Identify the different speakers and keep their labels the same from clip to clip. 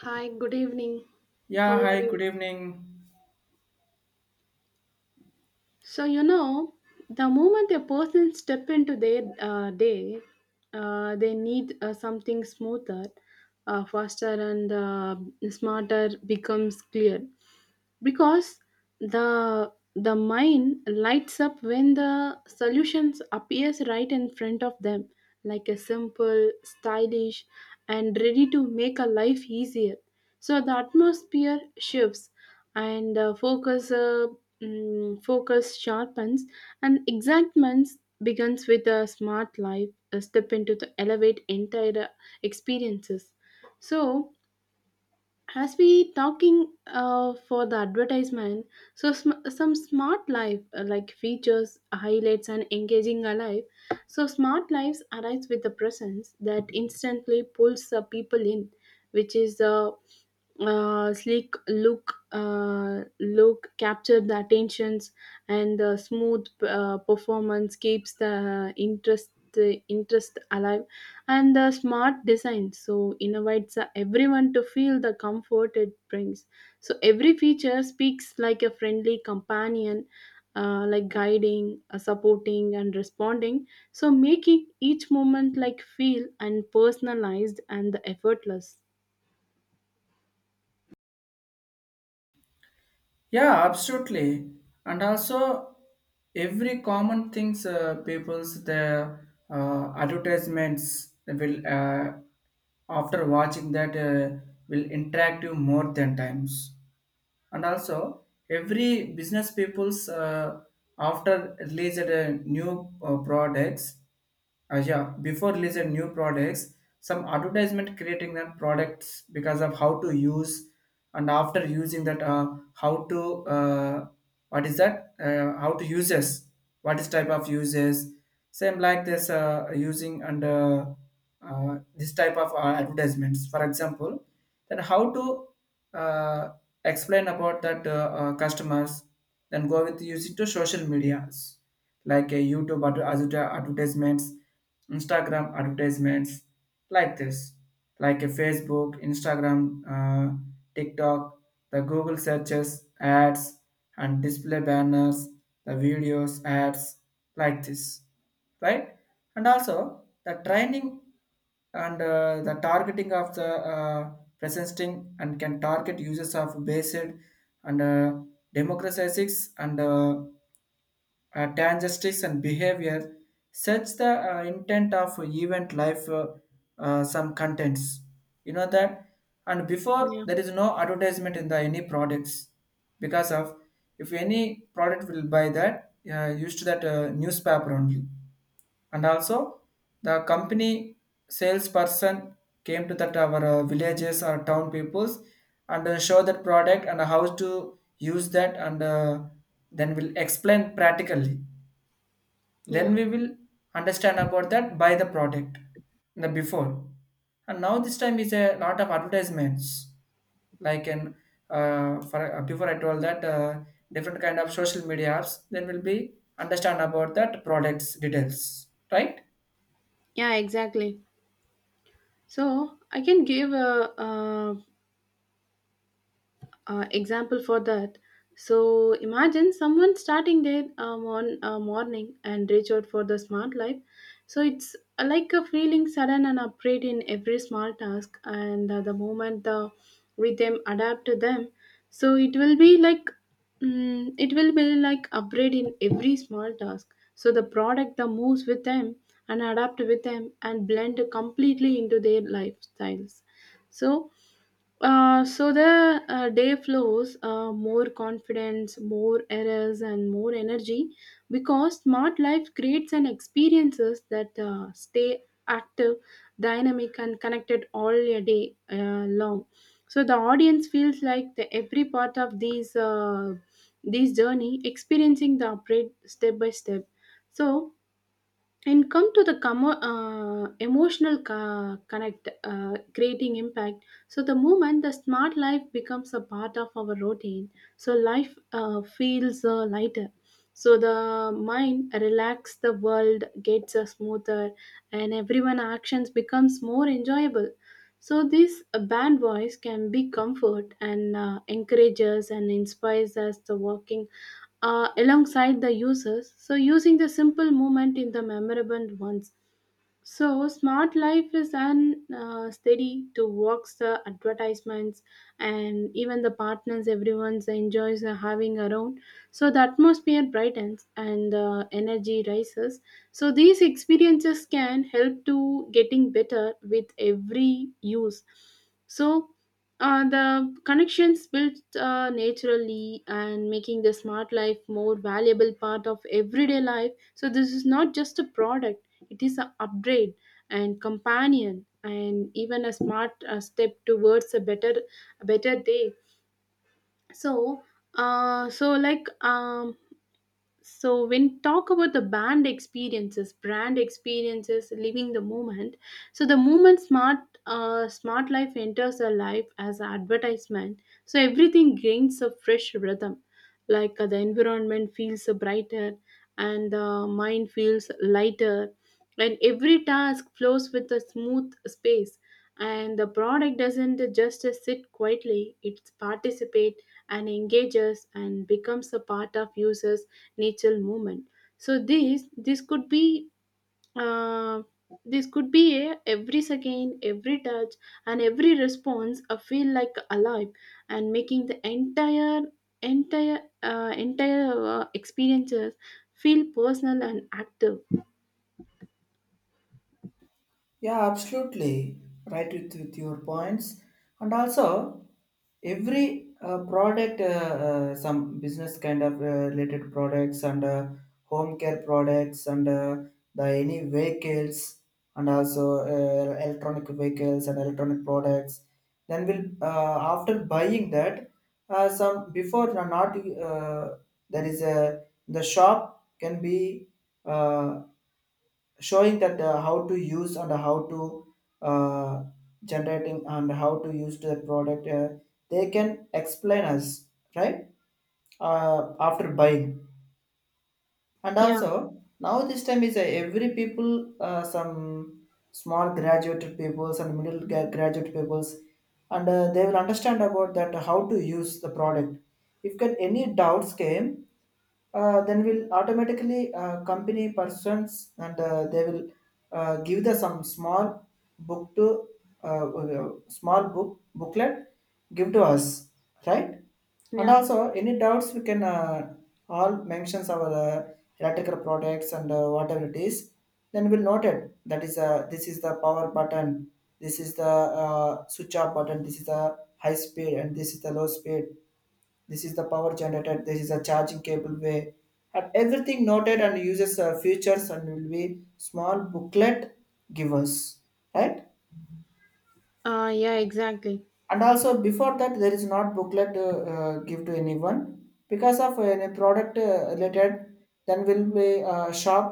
Speaker 1: Hi, good evening. How
Speaker 2: Yeah,
Speaker 1: are
Speaker 2: hi, good
Speaker 1: you?
Speaker 2: evening.
Speaker 1: So, you know, the moment a person step into their day, they need something smoother, faster, and smarter becomes clear. Because the mind lights up when the solutions appears right in front of them, like a simple stylish and ready to make a life easier. So the atmosphere shifts and focus sharpens and excitement begins with a smart life, a step into the elevate entire experiences. So as we talking for the advertisement, so some smart life like features highlights and engaging a life. So smart lives arise with the presence that instantly pulls the people in, which is sleek look captured the attentions, and the smooth performance keeps the interest alive, and the smart design so invites everyone to feel the comfort it brings. So every feature speaks like a friendly companion, like guiding, supporting and responding, so making each moment like feel and personalized and effortless.
Speaker 2: Yeah, absolutely. And also, every common things people's the advertisements will, after watching that, will interact you more than times. And also, every business people's, after released new products, yeah, before releasing new products, some advertisement creating that products, because of how to use and after using that, how to, what is that, how to uses, what is type of uses, same like this, using and this type of advertisements, for example, then how to, uh, explain about that, customers, then go with using to social medias like a YouTube advertisements, Instagram advertisements, like this, like a Facebook, Instagram, uh, TikTok, the Google searches, ads, and display banners, the videos, ads, like this, right? And also the training and the targeting of the, presenting and can target users of based, and democratizes and tangestics and behavior, such the intent of event life, some contents, you know that. And before,
Speaker 1: Yeah,
Speaker 2: there is no advertisement in the any products, because of if any product will buy, that used to that newspaper only. And also the company salesperson came to that our villages or town peoples, and show that product and how to use that and then will explain practically,
Speaker 1: yeah.
Speaker 2: then we will understand about that, buy the product in the before. And now this time is a lot of advertisements, like in, for before I told that, different kind of social media apps, then we'll be understand about that products details, right?
Speaker 1: Yeah, exactly. So I can give a, example for that. So imagine someone starting their on morning and reach out for the smart life. So it's like a feeling sudden and upgrade in every small task, and the moment the rhythm adapt to them, so it will be like it will be like upgrade in every small task. So the product that moves with them and adapt with them and blend completely into their lifestyles. So so the day flows more confidence, more errors, and more energy, because smart life creates and experiences that stay active, dynamic, and connected all your day long. So the audience feels like the every part of these journey experiencing the upgrade step by step. So, and come to the emotional connect, creating impact. So the moment the smart life becomes a part of our routine, so life feels lighter. So the mind relax, the world gets smoother, and everyone actions becomes more enjoyable. So this band voice can be comfort and encourages and inspires us the walking alongside the users, so using the simple movement in the memorable ones. So, smart life is an steady to works, the advertisements, and even the partners everyone enjoys having around. So, the atmosphere brightens and the energy rises. So, these experiences can help to getting better with every use. So, the connections built naturally, and making the smart life more valuable part of everyday life. So, this is not just a product, it is an upgrade and companion and even a smart step towards a better, a better day. So so like so when talk about the band experiences brand experiences living the moment, so the moment smart life enters our life as an advertisement, so everything gains a fresh rhythm, like the environment feels brighter, and the mind feels lighter, and every task flows with a smooth space, and the product doesn't just sit quietly, it participates and engages and becomes a part of users natural movement. So this could be uh, this could be a every second, every touch, and every response. I feel like alive and making the entire experiences feel personal and active.
Speaker 2: Yeah, absolutely. Right with your points. And also, every product, some business kind of related products, and home care products, and the any vehicles, and also electronic vehicles and electronic products. Then we'll, after buying that, some before not, there is a, the shop can be, uh, showing that, how to use and how to, uh, generating and how to use the product, they can explain us, right? After buying. And
Speaker 1: Yeah,
Speaker 2: also now this time is every people, some small graduated peoples and middle graduate peoples, and they will understand about that, how to use the product. If get any doubts came, then will automatically, company persons and they will, give the some small book to, small booklet give to us, right? And
Speaker 1: yeah,
Speaker 2: also, any doubts we can, all mentions our electrical products and whatever it is. Then we'll note it. That is, this is the power button. This is the switch off button. This is the high speed and this is the low speed. This is the power generator. This is a charging cable way. And everything noted and uses features, and will be small booklet give us, right?
Speaker 1: yeah, exactly.
Speaker 2: And also before that, there is not booklet to give to anyone, because of any product related, then will be shop,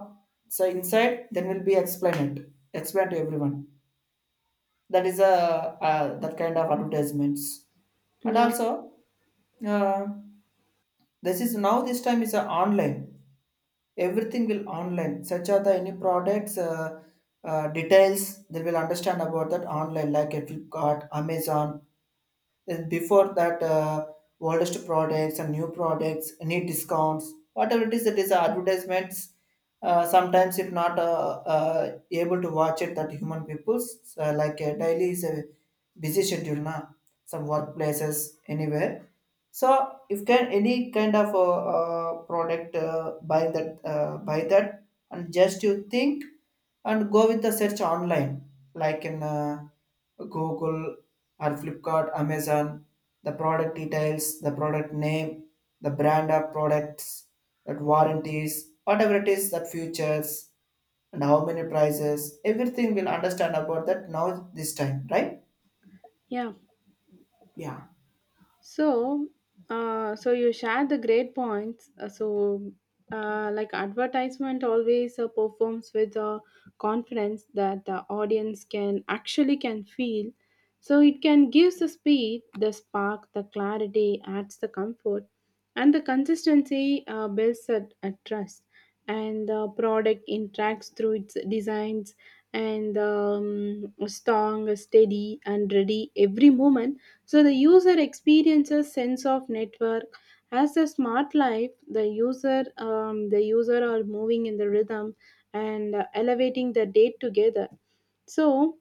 Speaker 2: so inside then will be explain to everyone. That is a that kind of advertisements. And
Speaker 1: Yeah,
Speaker 2: also, uh, this is now, this time is a online, everything will online, such are the any products, details they will understand about that online, like Flipkart, Amazon. Then before that, oldest products and new products need discounts, whatever it is advertisements. Sometimes, if not, able to watch it, that human people's, like daily is a busy schedule, na? Some workplaces anywhere. So if can any kind of a, product, buy that, and just you think and go with the search online, like in, Google or Flipkart, Amazon, the product details, the product name, the brand of products, that warranties, whatever it is, that futures, and how many prices, everything will understand about that now, this time, right?
Speaker 1: yeah.
Speaker 2: Yeah,
Speaker 1: So, so you shared the great points. So, like advertisement always performs with a confidence that the audience can actually can feel. So it can gives the speed, the spark, the clarity, adds the comfort, and the consistency builds a trust. And the product interacts through its designs and strong, steady, and ready every moment, so the user experiences sense of network as the smart life. The user, the user are moving in the rhythm and elevating the date together. So,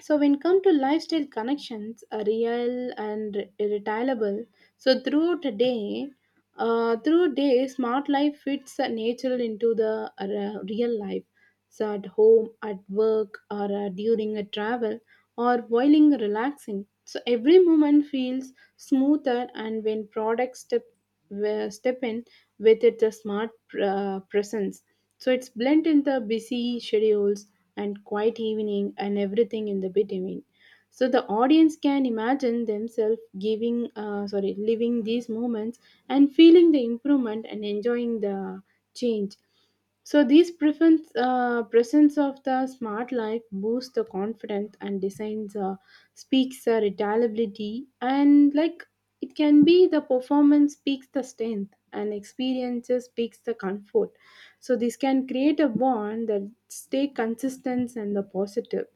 Speaker 1: so when come to lifestyle connections, are real and irretiable. So throughout the day, smart life fits natural into the real life. So at home, at work, or during a travel, or while relaxing. So every moment feels smoother, and when products step step in with its a smart presence. So it's blend in the busy schedules and quiet evening and everything in the between. So the audience can imagine themselves giving, sorry, living these moments and feeling the improvement and enjoying the change. So presence of the smart life boosts the confidence and designs speaks reliability, and like it can be the performance speaks the strength and experiences speaks the comfort. So this can create a bond that stay consistent and the positive.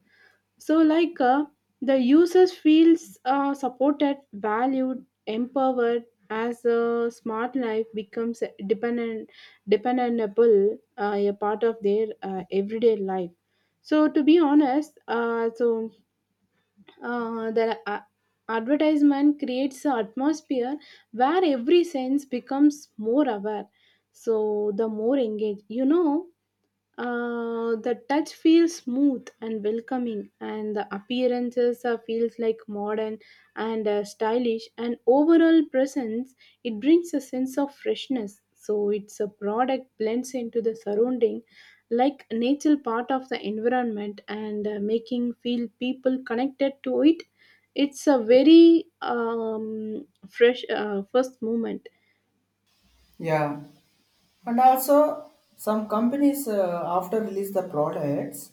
Speaker 1: So, like the users feels supported, valued, empowered as a smart life becomes dependable, a part of their everyday life. So, to be honest, so the advertisement creates an atmosphere where every sense becomes more aware. So, the more engaged, you know, the touch feels smooth and welcoming, and the appearances feels like modern and stylish. And overall presence, it brings a sense of freshness. So it's a product blends into the surrounding, like natural part of the environment, and making feel people connected to it. It's a very fresh first moment.
Speaker 2: yeah. And also some companies, after release the products,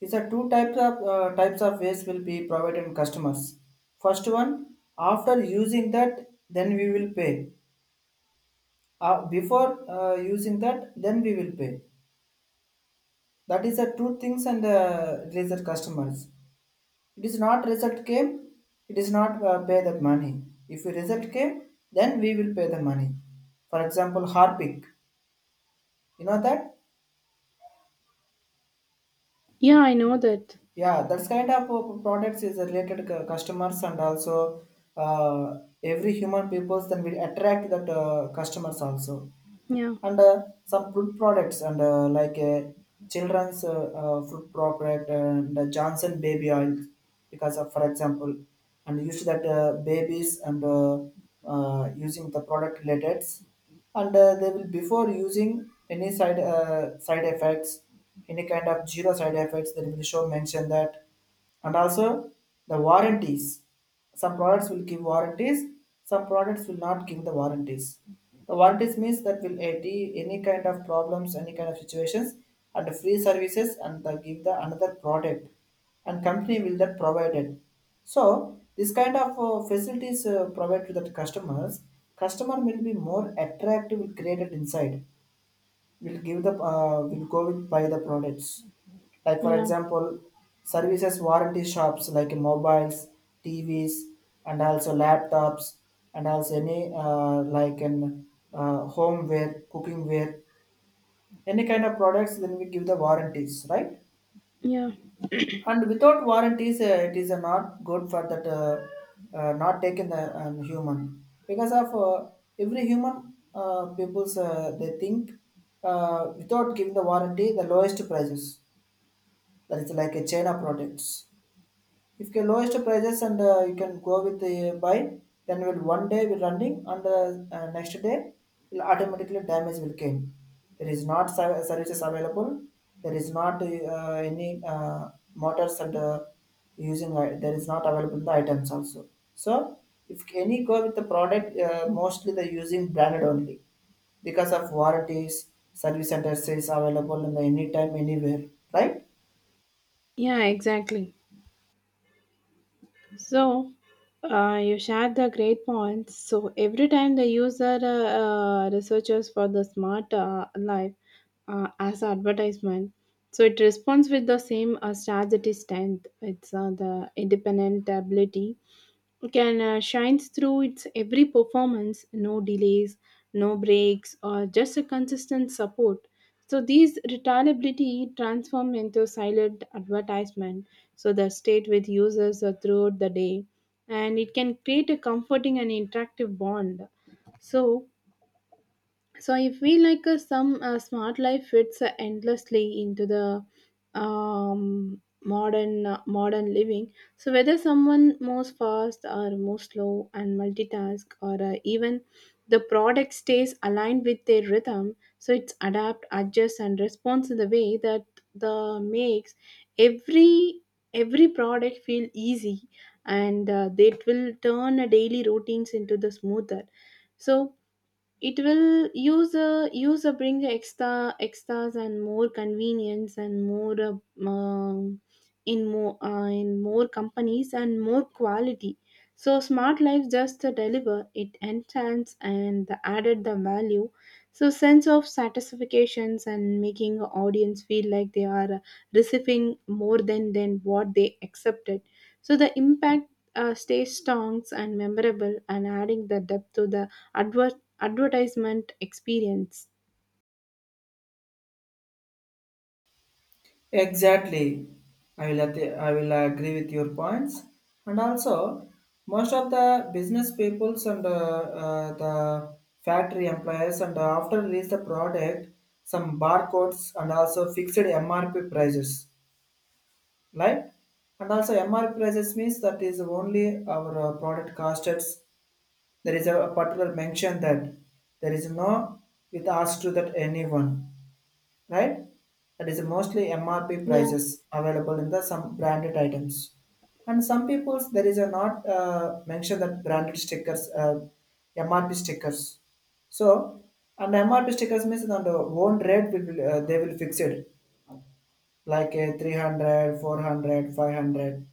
Speaker 2: these are two types of waste will be provided in customers. First one, after using that, then we will pay. Before using that, then we will pay. That is the two things, and release the customers. It is not result came, it is not pay the money. If you result came, then we will pay the money. For example, Harpic, you know that.
Speaker 1: Yeah, I know that.
Speaker 2: Yeah, that's kind of products is related customers, and also uh, every human peoples then will attract that customers also.
Speaker 1: Yeah,
Speaker 2: And some fruit products, and like children's fruit product, and Johnson baby oil, because of for example, and use that babies, and using the product related, and they will before using any side effects, any kind of zero side effects they will show mention that. And also the warranties, some products will give warranties, some products will not give the warranties. The volunteers means that will aid any kind of problems, any kind of situations, and free services, and the, give the another product, and company will that provided. So this kind of facilities provided to the customers, customer will be more attractive created inside, will give the, will go with buy the products, like for
Speaker 1: yeah,
Speaker 2: example services warranty shops, like mobiles, TVs, and also laptops, and also any like an homeware, cooking ware, any kind of products then we give the warranties, right?
Speaker 1: yeah,
Speaker 2: And without warranties, it is not good for that, not taking the human, because of every human people's, they think, without giving the warranty, the lowest prices, that is like a China products. If the lowest prices, and you can go with the buy, then will one day will running, and next day will automatically damage will came. There is not services available. There is not any motors, and using, there is not available the items also. So if any go with the product, mostly the using branded only, because of warranties, service centers is available in the anytime, anywhere, right?
Speaker 1: yeah. Exactly. So, you shared the great points. So, every time the user researches for the smart life as advertisement, so it responds with the same strategy strength. It's the independent ability can shines through its every performance, no delays, no breaks, or just a consistent support. So these retailability transform into silent advertisement, so the state with users throughout the day, and it can create a comforting and interactive bond. So, so I feel like some smart life fits endlessly into the modern living. So whether someone moves fast or moves slow and multitask, or even the product stays aligned with their rhythm, so it's adapt, adjust and responds in the way that the makes every every product feel easy, and that will turn daily routines into the smoother. So it will use a bring extras and more convenience and more in more companies and more quality. So smart life just to deliver it enhance and the added the value, so sense of satisfactions and making the audience feel like they are receiving more than what they accepted. So the impact stays strong and memorable, and adding the depth to the advert advertisement experience.
Speaker 2: Exactly. I will agree with your points. And also, most of the business peoples and the factory employees, and after release the product, some barcodes and also fixed MRP prices, right? And also MRP prices means that is only our product costs. There is a particular mention that there is no with asked to that anyone, right? That is mostly MRP
Speaker 1: Yeah,
Speaker 2: prices available in the some branded items. And some people's there is a not mention that branded stickers, MRP stickers. So and MRP stickers means on the own rate they will fix it, like a 300, 400, 500.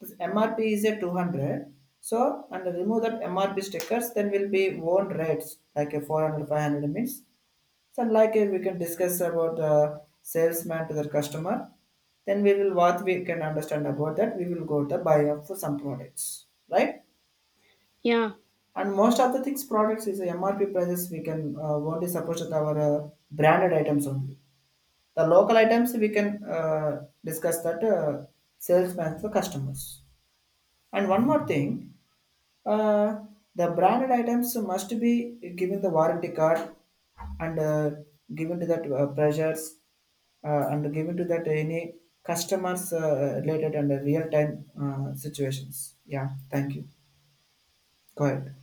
Speaker 2: This MRP is a 200. So and remove that MRP stickers, then will be own rates like a 400, 500 means. So like, we can discuss about salesman to the customer. Then we will what we can understand about that. We will go to buy up for some products, right?
Speaker 1: yeah.
Speaker 2: And most of the things products is the MRP prices. We can, only suppose that our branded items only. The local items we can discuss that salesman for customers. And one more thing, uh, the branded items must be given the warranty card, and given to that pressures, and given to that any customers related, and real time situations. Yeah, thank you. Go ahead.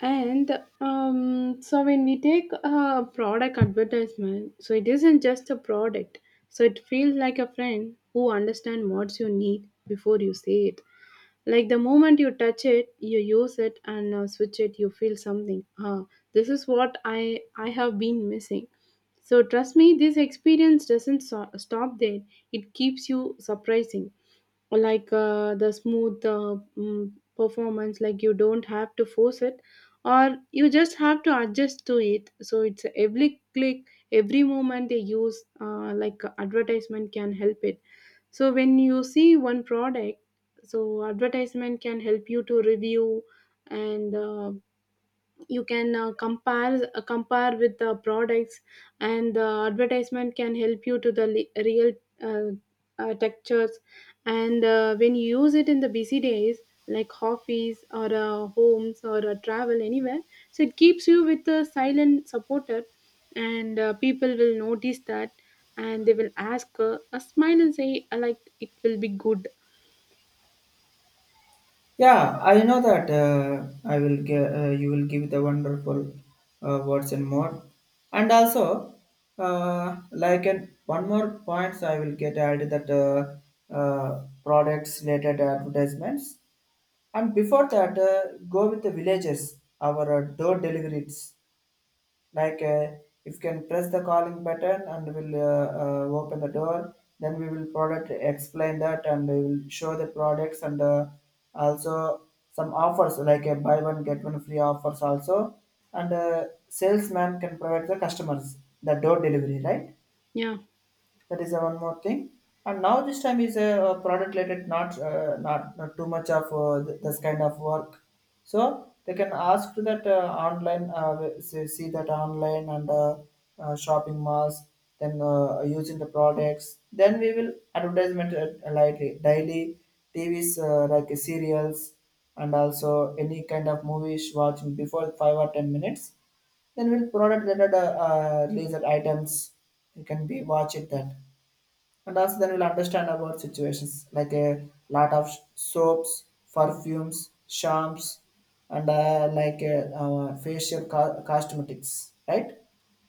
Speaker 1: And so when we take a product advertisement, so it isn't just a product, so it feels like a friend who understands what you need before you say it. Like the moment you touch it, you use it, and switch it, you feel something, ah, this is what I have been missing. So trust me, this experience doesn't stop there, it keeps you surprising, like the smooth performance, like you don't have to force it or you just have to adjust to it. So it's every click, every moment they use, like advertisement can help it. So when you see one product, so advertisement can help you to review, and you can uh, compare with the products. And the advertisement can help you to the real textures. And when you use it in the busy days, like office or homes, or travel anywhere, so it keeps you with a silent supporter. And people will notice that, and they will ask a smile and say like it will be good.
Speaker 2: Yeah, I know that, I will give you will give the wonderful words and more. And also, like an one more points I will get added, that products related advertisements, and before that, go with the villagers our door deliveries. Like, if you can press the calling button, and will open the door, then we will product explain that, and we will show the products, and also some offers like a buy one get one free offers also, and salesman can provide the customers the door delivery, right?
Speaker 1: Yeah.
Speaker 2: That is the one more thing. And now this time is a, product related, not not too much of this kind of work. So they can ask to that, online, see that online, and shopping malls. Then, using the products. Then we will advertisement lightly daily TVs, like serials, and also any kind of movies watching before 5 or 10 minutes, then we'll product related laser items. You can be watch it then, and also then we'll understand about situations like a lot of soaps, perfumes, shamps, and like facial cosmetics, right?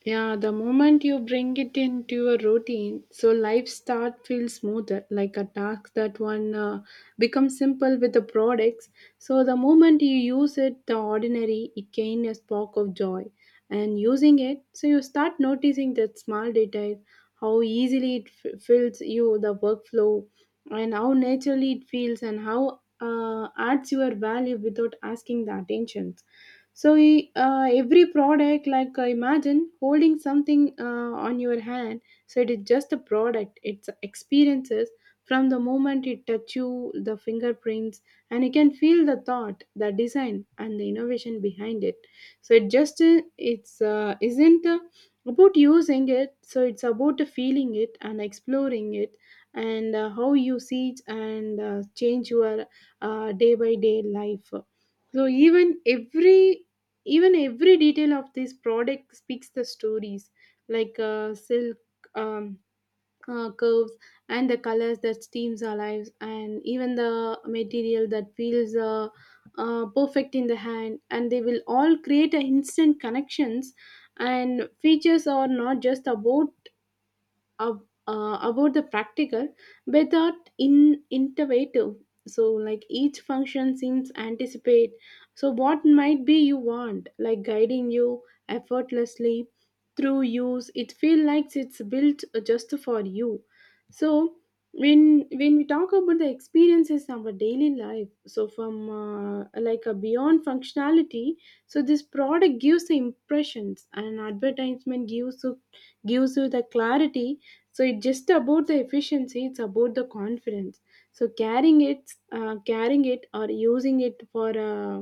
Speaker 1: Yeah, the moment you bring it into your routine, so life start feels smoother, like a task that one becomes simple with the products. So the moment you use it, the ordinary, it gain a spark of joy. And using it, so you start noticing that small detail, how easily it fills you the workflow, and how naturally it feels, and how adds your value without asking the attention. So every product, imagine holding something on your hand. So it is just a product, it's experiences. From the moment it touch you the fingerprints, and you can feel the thought, the design, and the innovation behind it. So it just it's isn't about using it, so it's about feeling it and exploring it, and how you see it and change your day by day life. So even every detail of this product speaks the stories, silk, um, curves, and the colors that steams our lives, and even the material that feels perfect in the hand, and they will all create a instant connections. And features are not just about about the practical but not in innovative. So like each function seems anticipate, so what might be you want, like guiding you effortlessly through use. It feels like it's built just for you. So when we talk about the experiences in our daily life, so from like a beyond functionality, so this product gives the impressions, and advertisement gives you the clarity. So it's just about the efficiency, it's about the confidence. So carrying it or using it for uh,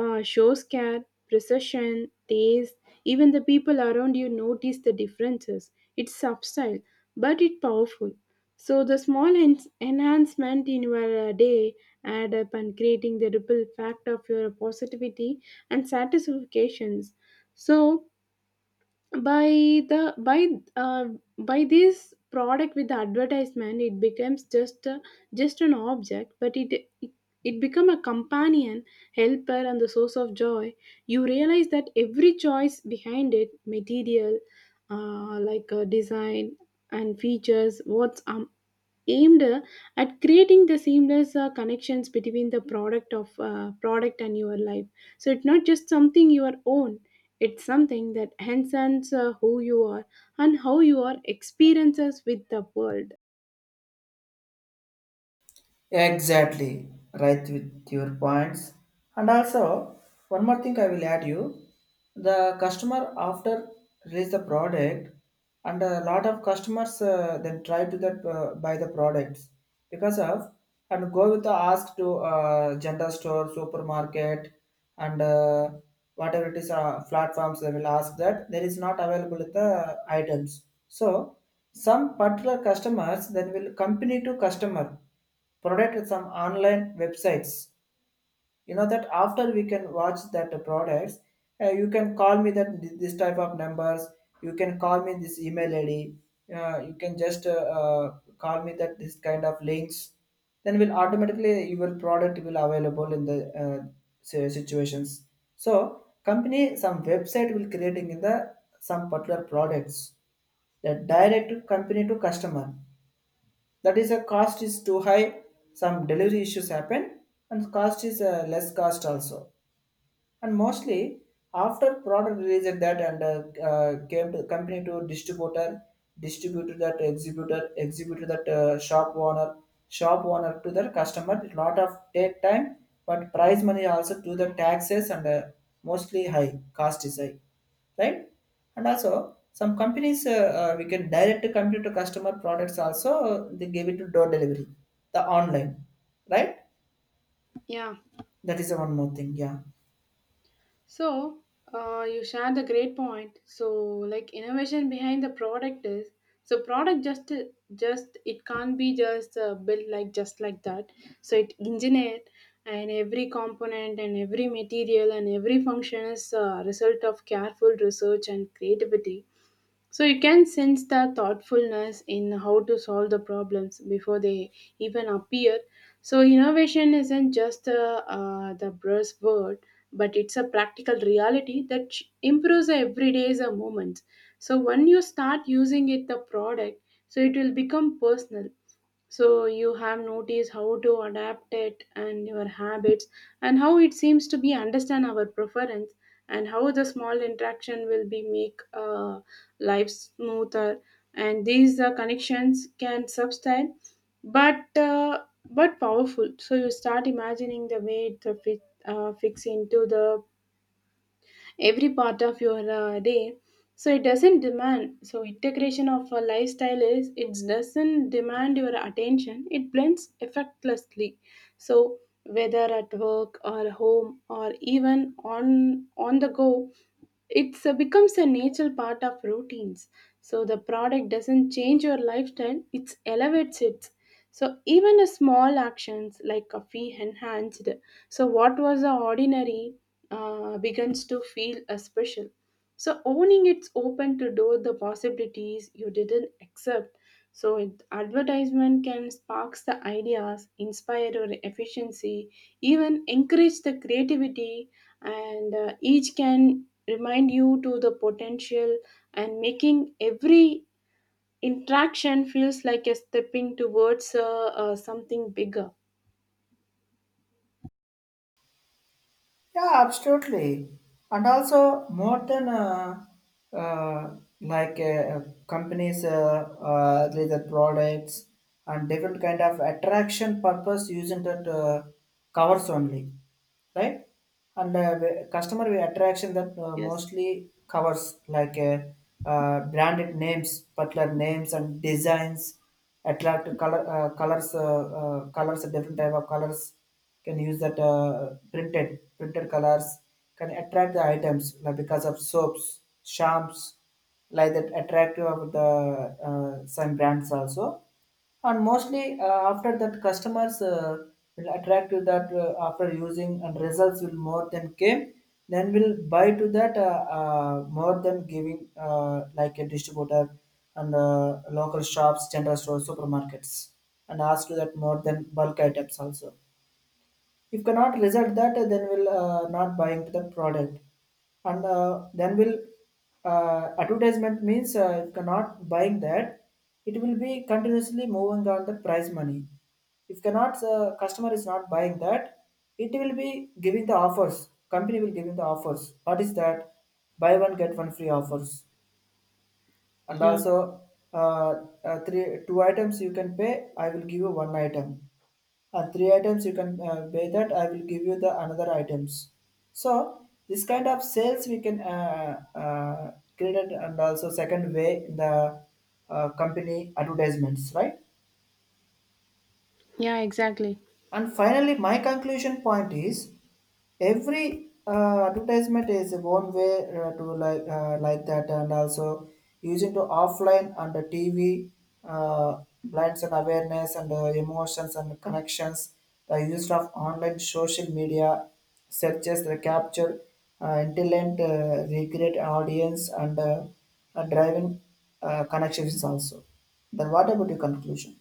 Speaker 1: uh, shows care, precision, taste. Even the people around you notice the differences. It's subtle but it's powerful. So the small enhancement in your day add up and creating the ripple effect of your positivity and satisfactions. So by the by uh, by this product with the advertisement, it becomes just an object, but it it become a companion, helper, and the source of joy. You realize that every choice behind it, material, design, and features, what's aimed at creating the seamless connections between the product and your life. So it's not just something your own, it's something that enhances who you are and how your experiences with the world.
Speaker 2: Exactly, right with your points. And also, one more thing I will add you. The customer after release the product, and a lot of customers then try to that buy the products because of and go with the ask to general store, supermarket, and whatever it is platforms they will ask that there is not available the items. So some particular customers then will company to customer product some online websites you know that after we can watch that products. You can call me that this type of numbers. You can call me this email id. You can just call me that this kind of links. Then will automatically your product will available in the uh, situations. So company some website will creating in the some particular products that direct to company to customer. That is a cost is too high. Some delivery issues happen, and cost is less cost also. And mostly after product release at that and came to company to distributor, distributor that exhibitor, exhibitor that shop owner, shop owner to the customer. Lot of take time, but price money also to the taxes, and mostly high, cost is high, right? And also some companies, we can direct to company to customer products also, they give it to door delivery, the online, right?
Speaker 1: Yeah.
Speaker 2: That is the one more thing. Yeah.
Speaker 1: So, you shared a great point. So, like innovation behind the product is, so product just it can't be just built like just like that. So it engineered, and every component and every material and every function is a result of careful research and creativity. So you can sense the thoughtfulness in how to solve the problems before they even appear. So innovation isn't just the buzzword, but it's a practical reality that improves everyday's moments. So when you start using it, the product, so it will become personal. So you have noticed how to adapt it and your habits, and how it seems to be understand our preference, and how the small interaction will be make life smoother. And these connections can subside, but uh, but powerful. So you start imagining the way to fix into the every part of your day. So it doesn't demand, so integration of a lifestyle is, it doesn't demand your attention, it blends effortlessly. So whether at work or home, or even on the go, it's becomes a natural part of routines. So the product doesn't change your lifestyle; it elevates it. So even a small actions like coffee enhanced. So what was the ordinary begins to feel a special. So owning it's open to door the possibilities you didn't accept. So it, advertisement can sparks the ideas, inspire your efficiency, even encourage the creativity. And each can remind you to the potential, and making every interaction feels like a stepping towards something bigger.
Speaker 2: Yeah, absolutely. And also, more than like companies, their products and different kind of attraction purpose using that covers only, right? And the customer attraction that
Speaker 1: Yes.
Speaker 2: mostly covers like branded names, particular names and designs, attract color colors, colors, different type of colors can use that printed colors can attract the items like because of soaps, shamps, like that attractive of the some brands also. And mostly after that customers will attract to that after using, and results will more than came, then will buy to that more than giving like a distributor and local shops, general stores, supermarkets, and ask to that more than bulk items also. If cannot result that, then we'll not buying to the product, and then will advertisement means if cannot buying that, it will be continuously moving on the price money. If cannot customer is not buying that, it will be giving the offers. Company will giving the offers. What is that? Buy one get one free offers, and
Speaker 1: Yeah.
Speaker 2: also uh, three two items you can pay. I will give you one item, three items you can buy, that I will give you the another items. So this kind of sales we can create it, and also second way in the company advertisements, right?
Speaker 1: Yeah, exactly.
Speaker 2: And finally, my conclusion point is every advertisement is one way to like that, and also using to offline and the TV uh, blinds and awareness and emotions and connections. The use of online social media searches the capture intelligent recreate audience and driving connections also. Then what about your conclusion?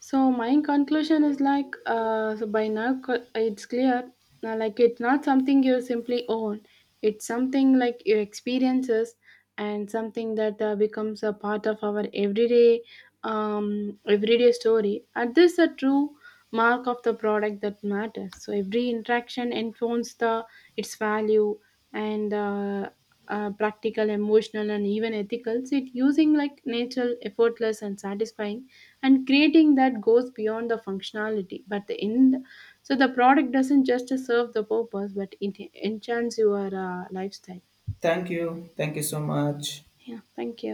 Speaker 1: So my conclusion is so by now it's clear, like it's not something you simply own. It's something like your experiences, and something that becomes a part of our everyday story. And this is a true mark of the product that matters. So every interaction informs the its value, and practical, emotional, and even ethical. So it using like natural, effortless, and satisfying, and creating that goes beyond the functionality but the end. So the product doesn't just serve the purpose, but it enchants your lifestyle.
Speaker 2: Thank you. Thank you so much.
Speaker 1: Yeah, thank you.